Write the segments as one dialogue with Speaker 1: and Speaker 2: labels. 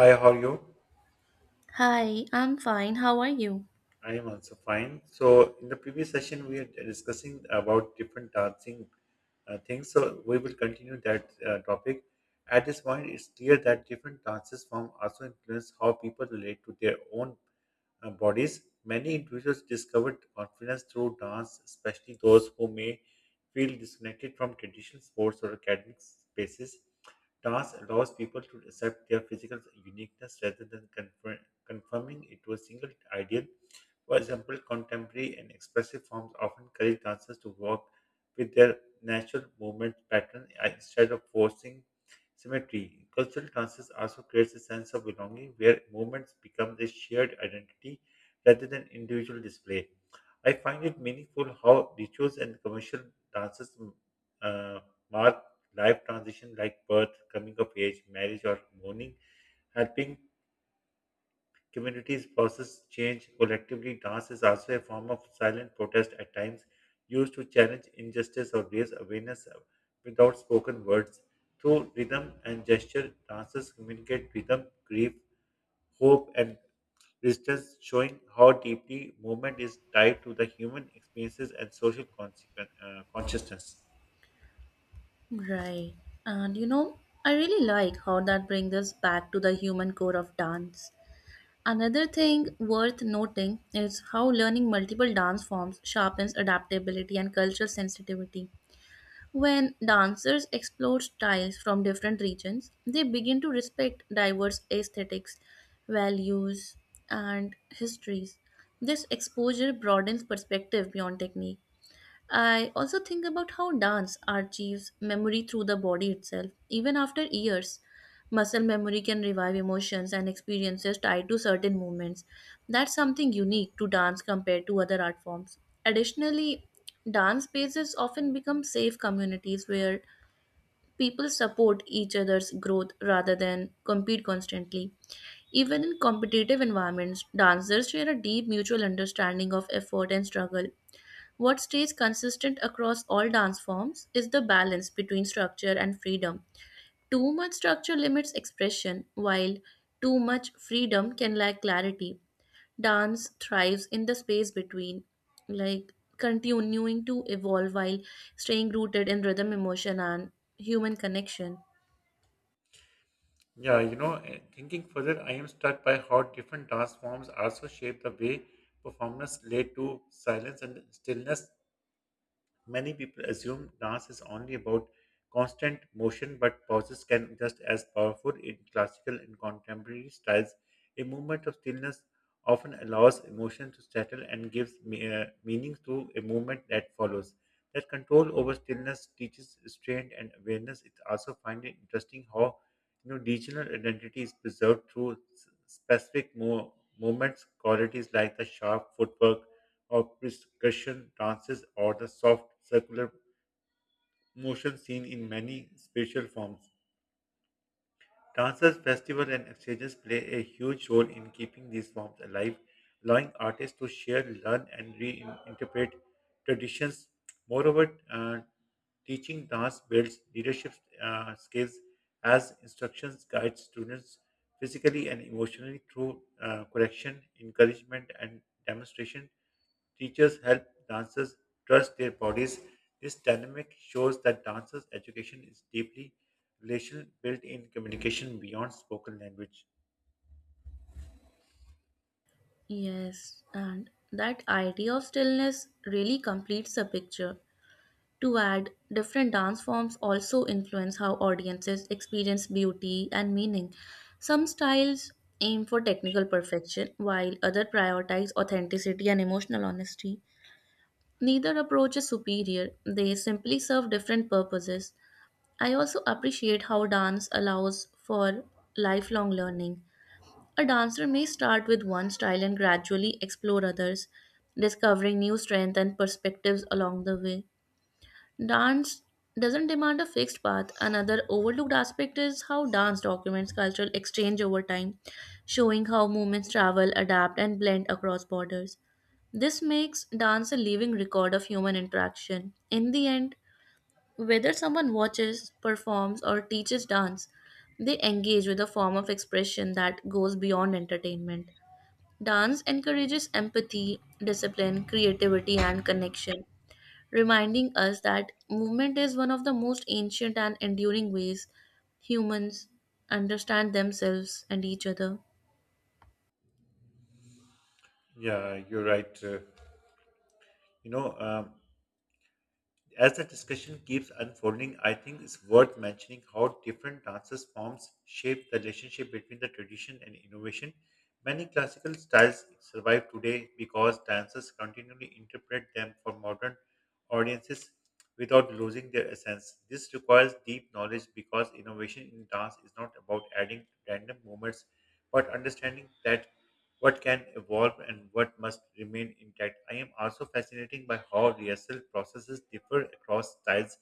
Speaker 1: Hi, how are you?
Speaker 2: Hi, I'm fine. How are you?
Speaker 1: I am also fine. So, in the previous session, we are discussing about different dancing things. So, we will continue that topic. At this point, it's clear that different dances form also influence how people relate to their own bodies. Many individuals discovered confidence through dance, especially those who may feel disconnected from traditional sports or academic spaces. Dance allows people to accept their physical uniqueness rather than confirming it to a single ideal. For example, contemporary and expressive forms often encourage dancers to work with their natural movement pattern instead of forcing symmetry. Cultural dances also creates a sense of belonging where movements become a shared identity rather than individual display. I find it meaningful how rituals and commercial dances uh, mark life transition like birth, coming of age, marriage, or mourning, helping communities process change collectively. Dance is also a form of silent protest at times, used to challenge injustice or raise awareness without spoken words. Through rhythm and gesture, dancers communicate rhythm, grief, hope, and resistance, showing how deeply movement is tied to the human experiences and social consciousness.
Speaker 2: Right. And you know, I really like how that brings us back to the human core of dance. Another thing worth noting is how learning multiple dance forms sharpens adaptability and cultural sensitivity. When dancers explore styles from different regions, they begin to respect diverse aesthetics, values, and histories. This exposure broadens perspective beyond technique. I also think about how dance archives memory through the body itself. Even after years, muscle memory can revive emotions and experiences tied to certain movements. That's something unique to dance compared to other art forms. Additionally, dance spaces often become safe communities where people support each other's growth rather than compete constantly. Even in competitive environments, dancers share a deep mutual understanding of effort and struggle. What stays consistent across all dance forms is the balance between structure and freedom. Too much structure limits expression, while too much freedom can lack clarity. Dance thrives in the space between, like continuing to evolve while staying rooted in rhythm, emotion, and human connection.
Speaker 1: Yeah, thinking further, I am struck by how different dance forms also shape the way performers relate to silence and stillness. Many people assume dance is only about constant motion, but pauses can just as powerful in classical and contemporary styles. A moment of stillness often allows emotion to settle and gives meaning to a movement that follows. That control over stillness teaches restraint and awareness. It's also find it interesting how regional identity is preserved through specific movements, qualities like the sharp footwork of percussion dances or the soft circular motion seen in many spatial forms. Dances, festivals, and exchanges play a huge role in keeping these forms alive, allowing artists to share, learn, and reinterpret traditions. Moreover, teaching dance builds leadership skills as instructions guide students physically and emotionally through correction, encouragement, and demonstration. Teachers help dancers trust their bodies. This dynamic shows that dancers' education is deeply relational, built in communication beyond spoken language.
Speaker 2: Yes, and that idea of stillness really completes the picture. To add, different dance forms also influence how audiences experience beauty and meaning. Some styles aim for technical perfection, while others prioritize authenticity and emotional honesty. Neither approach is superior, they simply serve different purposes. I also appreciate how dance allows for lifelong learning. A dancer may start with one style and gradually explore others, discovering new strengths and perspectives along the way. Dance doesn't demand a fixed path. Another overlooked aspect is how dance documents cultural exchange over time, showing how movements travel, adapt, and blend across borders. This makes dance a living record of human interaction. In the end, whether someone watches, performs, or teaches dance, they engage with a form of expression that goes beyond entertainment. Dance encourages empathy, discipline, creativity, and connection, reminding us that movement is one of the most ancient and enduring ways humans understand themselves and each other.
Speaker 1: Yeah, you're right. You know, um, As the discussion keeps unfolding, I think it's worth mentioning how different dances forms shape the relationship between the tradition and innovation. Many classical styles survive today because dancers continually interpret them for modern audiences without losing their essence. This requires deep knowledge because innovation in dance is not about adding random movements but understanding that what can evolve and what must remain intact. I am also fascinated by how rehearsal processes differ across styles.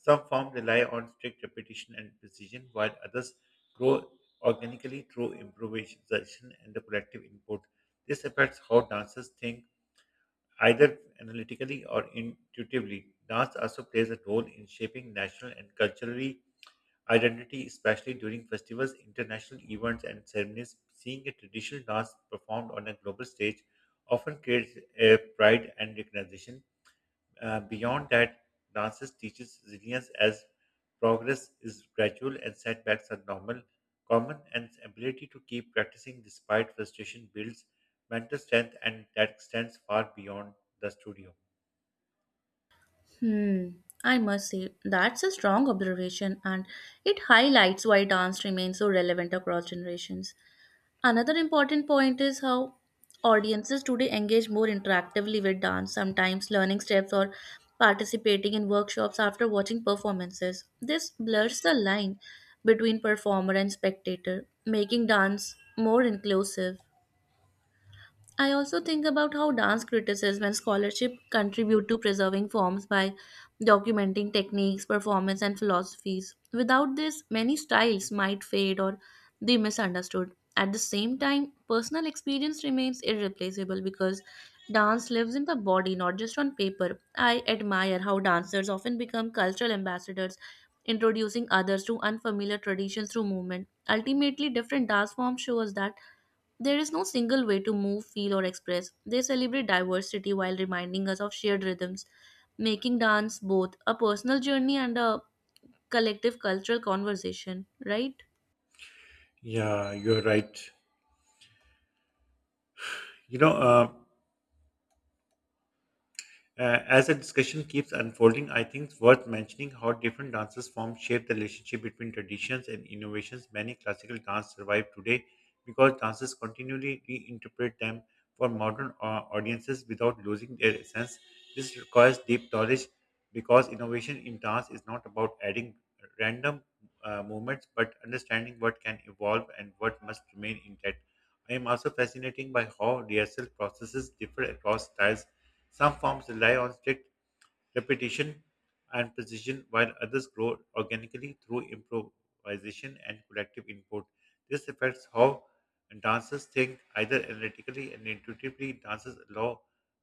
Speaker 1: Some forms rely on strict repetition and precision, while others grow organically through improvisation and the collective input. This affects how dancers think, either analytically or intuitively. Dance also plays a role in shaping national and culturally identity, especially during festivals, international events, and ceremonies. Seeing a traditional dance performed on a global stage often creates a pride and recognition. Beyond that, dances teaches resilience as progress is gradual and setbacks are normal, common, and ability to keep practicing despite frustration builds mental strength, and that extends far beyond the studio.
Speaker 2: Hmm, I must say, that's a strong observation and it highlights why dance remains so relevant across generations. Another important point is how audiences today engage more interactively with dance, sometimes learning steps or participating in workshops after watching performances. This blurs the line between performer and spectator, making dance more inclusive. I also think about how dance criticism and scholarship contribute to preserving forms by documenting techniques, performance, and philosophies. Without this, many styles might fade or be misunderstood. At the same time, personal experience remains irreplaceable because dance lives in the body, not just on paper. I admire how dancers often become cultural ambassadors, introducing others to unfamiliar traditions through movement. Ultimately, different dance forms show us that there is no single way to move, feel, or express. They celebrate diversity while reminding us of shared rhythms, making dance both a personal journey and a collective cultural conversation, right?
Speaker 1: Yeah, you're right. You know. As the discussion keeps unfolding, I think it's worth mentioning how different dances forms shape the relationship between traditions and innovations. Many classical dance survive today because dancers continually reinterpret them for modern audiences without losing their essence. This requires deep knowledge because innovation in dance is not about adding random movements but understanding what can evolve and what must remain intact. I am also fascinated by how rehearsal processes differ across styles. Some forms rely on strict repetition and precision, while others grow organically through improvisation and collective input. This affects how dancers think, either analytically and intuitively. Dances allow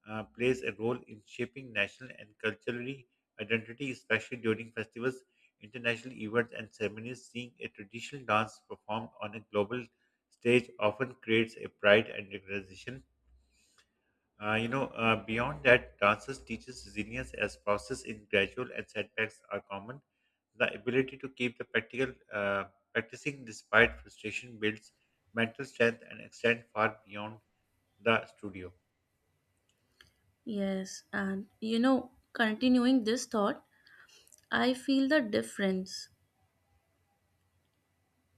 Speaker 1: Plays a role in shaping national and culturally identity, especially during festivals, international events, and ceremonies. Seeing a traditional dance performed on a global stage often creates a pride and recognition. Beyond that, dances teaches resilience as process in gradual and setbacks are common. The ability to keep the practical practicing despite frustration builds mental strength and extend far beyond the studio.
Speaker 2: Yes, and you know, continuing this thought, I feel the difference.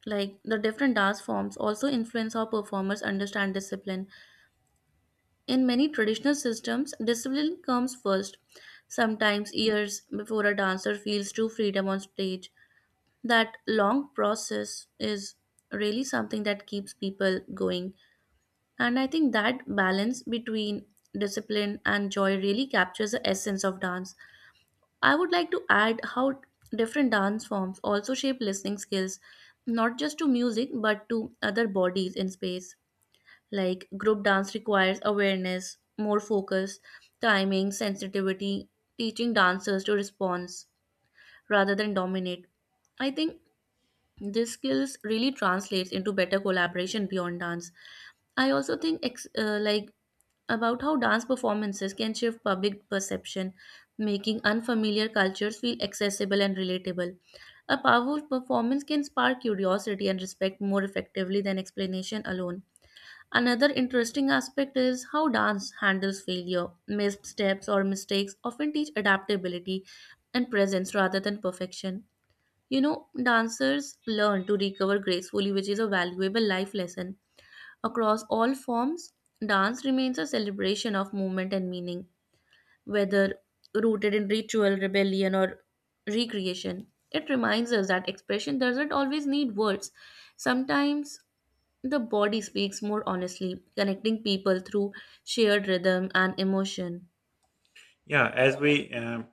Speaker 2: Like the different dance forms also influence how performers understand discipline. In many traditional systems, discipline comes first, sometimes years before a dancer feels true freedom on stage. That long process is really something that keeps people going, and I think that balance between discipline and joy really captures the essence of dance. I would like to add how different dance forms also shape listening skills, not just to music but to other bodies in space. Like group dance requires awareness, more focus, timing sensitivity, teaching dancers to respond rather than dominate. I think this skills really translates into better collaboration beyond dance. I also think like about how dance performances can shift public perception, making unfamiliar cultures feel accessible and relatable. A powerful performance can spark curiosity and respect more effectively than explanation alone. Another interesting aspect is how dance handles failure. Missteps or mistakes often teach adaptability and presence rather than perfection. You know, dancers learn to recover gracefully, which is a valuable life lesson. Across all forms, dance remains a celebration of movement and meaning, whether rooted in ritual, rebellion, or recreation. It reminds us that expression doesn't always need words. Sometimes the body speaks more honestly, connecting people through shared rhythm and emotion.
Speaker 1: Yeah, as we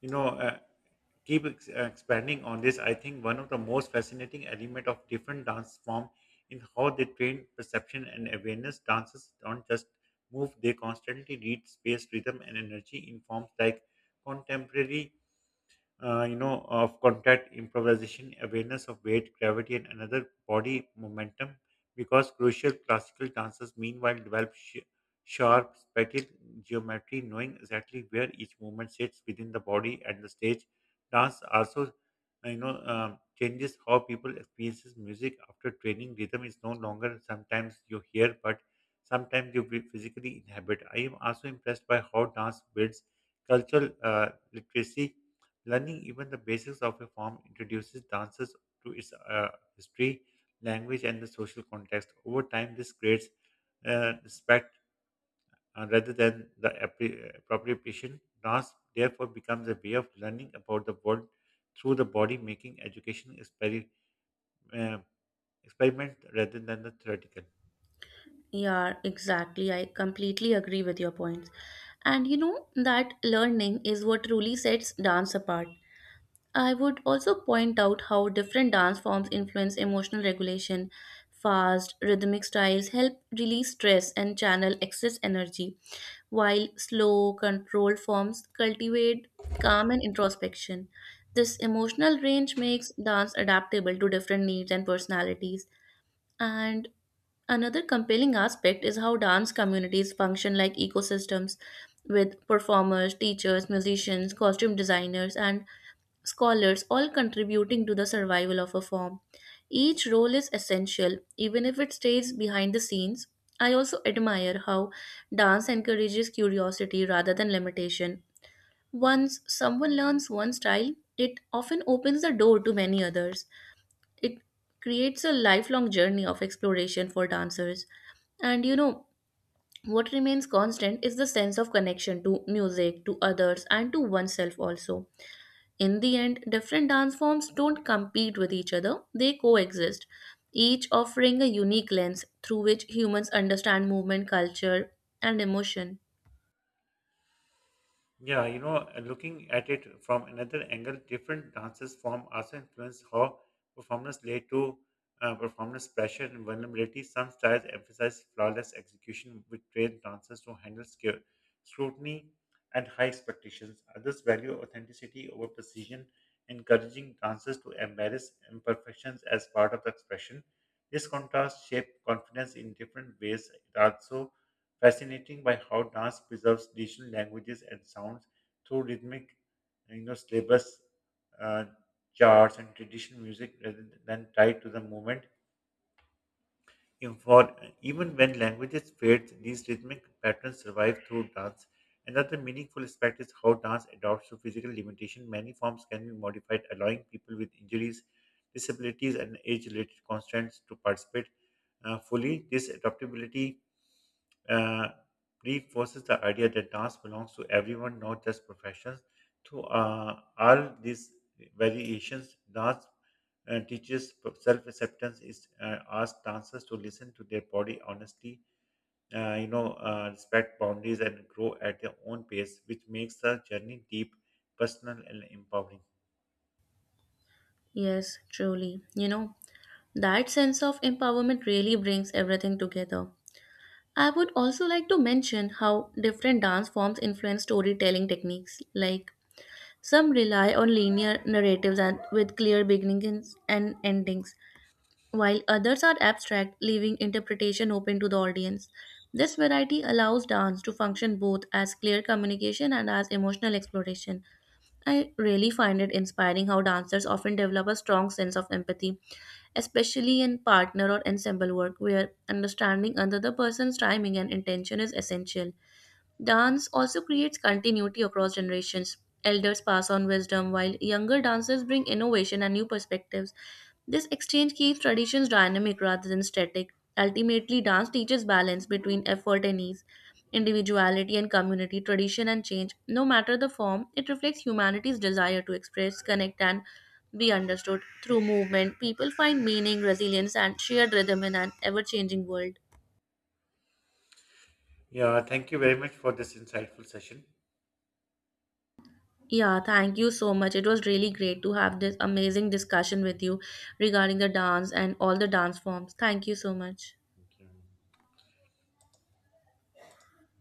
Speaker 1: you know uh, expanding on this, I think one of the most fascinating element of different dance form is how they train perception and awareness. Dancers don't just move; they constantly read space, rhythm, and energy in forms like contemporary of contact improvisation, awareness of weight, gravity, and another body momentum, because crucial classical dancers meanwhile develop sharp, spatial geometry, knowing exactly where each movement sits within the body and the stage. Dance also, changes how people experiences music after training. Rhythm is no longer sometimes you hear, but sometimes you will physically inhabit. I am also impressed by how dance builds cultural literacy. Learning even the basics of a form introduces dances to its history, language, and the social context. Over time, this creates respect rather than the appropriation. Dance therefore becomes a way of learning about the world through the body, making education uh, experiment rather than the theoretical.
Speaker 2: Yeah, exactly. I completely agree with your points. And you know that learning is what truly sets dance apart. I would also point out how different dance forms influence emotional regulation. Fast, rhythmic styles help release stress and channel excess energy, while slow, controlled forms cultivate calm and introspection. This emotional range makes dance adaptable to different needs and personalities. And another compelling aspect is how dance communities function like ecosystems, with performers, teachers, musicians, costume designers, and scholars all contributing to the survival of a form. Each role is essential, even if it stays behind the scenes. I also admire how dance encourages curiosity rather than limitation. Once someone learns one style, it often opens the door to many others. It creates a lifelong journey of exploration for dancers. And you know, what remains constant is the sense of connection to music, to others, and to oneself also. In the end, different dance forms don't compete with each other, they coexist, each offering a unique lens through which humans understand movement, culture, and emotion.
Speaker 1: Yeah, looking at it from another angle, different dances form also influence how performers relate to performance pressure and vulnerability. Some styles emphasize flawless execution, which train dancers to handle scrutiny and high expectations. Others value authenticity over precision, encouraging dancers to embrace imperfections as part of the expression. This contrast shapes confidence in different ways. It also fascinating by how dance preserves traditional languages and sounds through rhythmic, syllabus uh, charts and traditional music rather than tied to the moment. In for even when languages fade, these rhythmic patterns survive through dance. Another meaningful aspect is how dance adapts to physical limitation. Many forms can be modified, allowing people with injuries, disabilities, and age-related constraints to participate fully. This adaptability uh, reinforces the idea that dance belongs to everyone, not just professionals. Through all these variations, dance teaches self acceptance, is asks dancers to listen to their body honestly, respect boundaries, and grow at their own pace, which makes the journey deep, personal, and empowering.
Speaker 2: Yes, truly. You know, that sense of empowerment really brings everything together. I would also like to mention how different dance forms influence storytelling techniques. Like some rely on linear narratives and with clear beginnings and endings, while others are abstract, leaving interpretation open to the audience. This variety allows dance to function both as clear communication and as emotional exploration. I really find it inspiring how dancers often develop a strong sense of empathy, especially in partner or ensemble work where understanding another person's timing and intention is essential. Dance also creates continuity across generations. Elders pass on wisdom while younger dancers bring innovation and new perspectives. This exchange keeps traditions dynamic rather than static. Ultimately, dance teaches balance between effort and ease, individuality and community, tradition and change. No matter the form, it reflects humanity's desire to express, connect, and be understood. Through movement, people find meaning, resilience, and shared rhythm in an ever changing world.
Speaker 1: Yeah, thank you very much for this insightful session.
Speaker 2: Yeah, thank you so much. It was really great to have this amazing discussion with you regarding the dance and all the dance forms. Thank you so much.
Speaker 1: Thank you.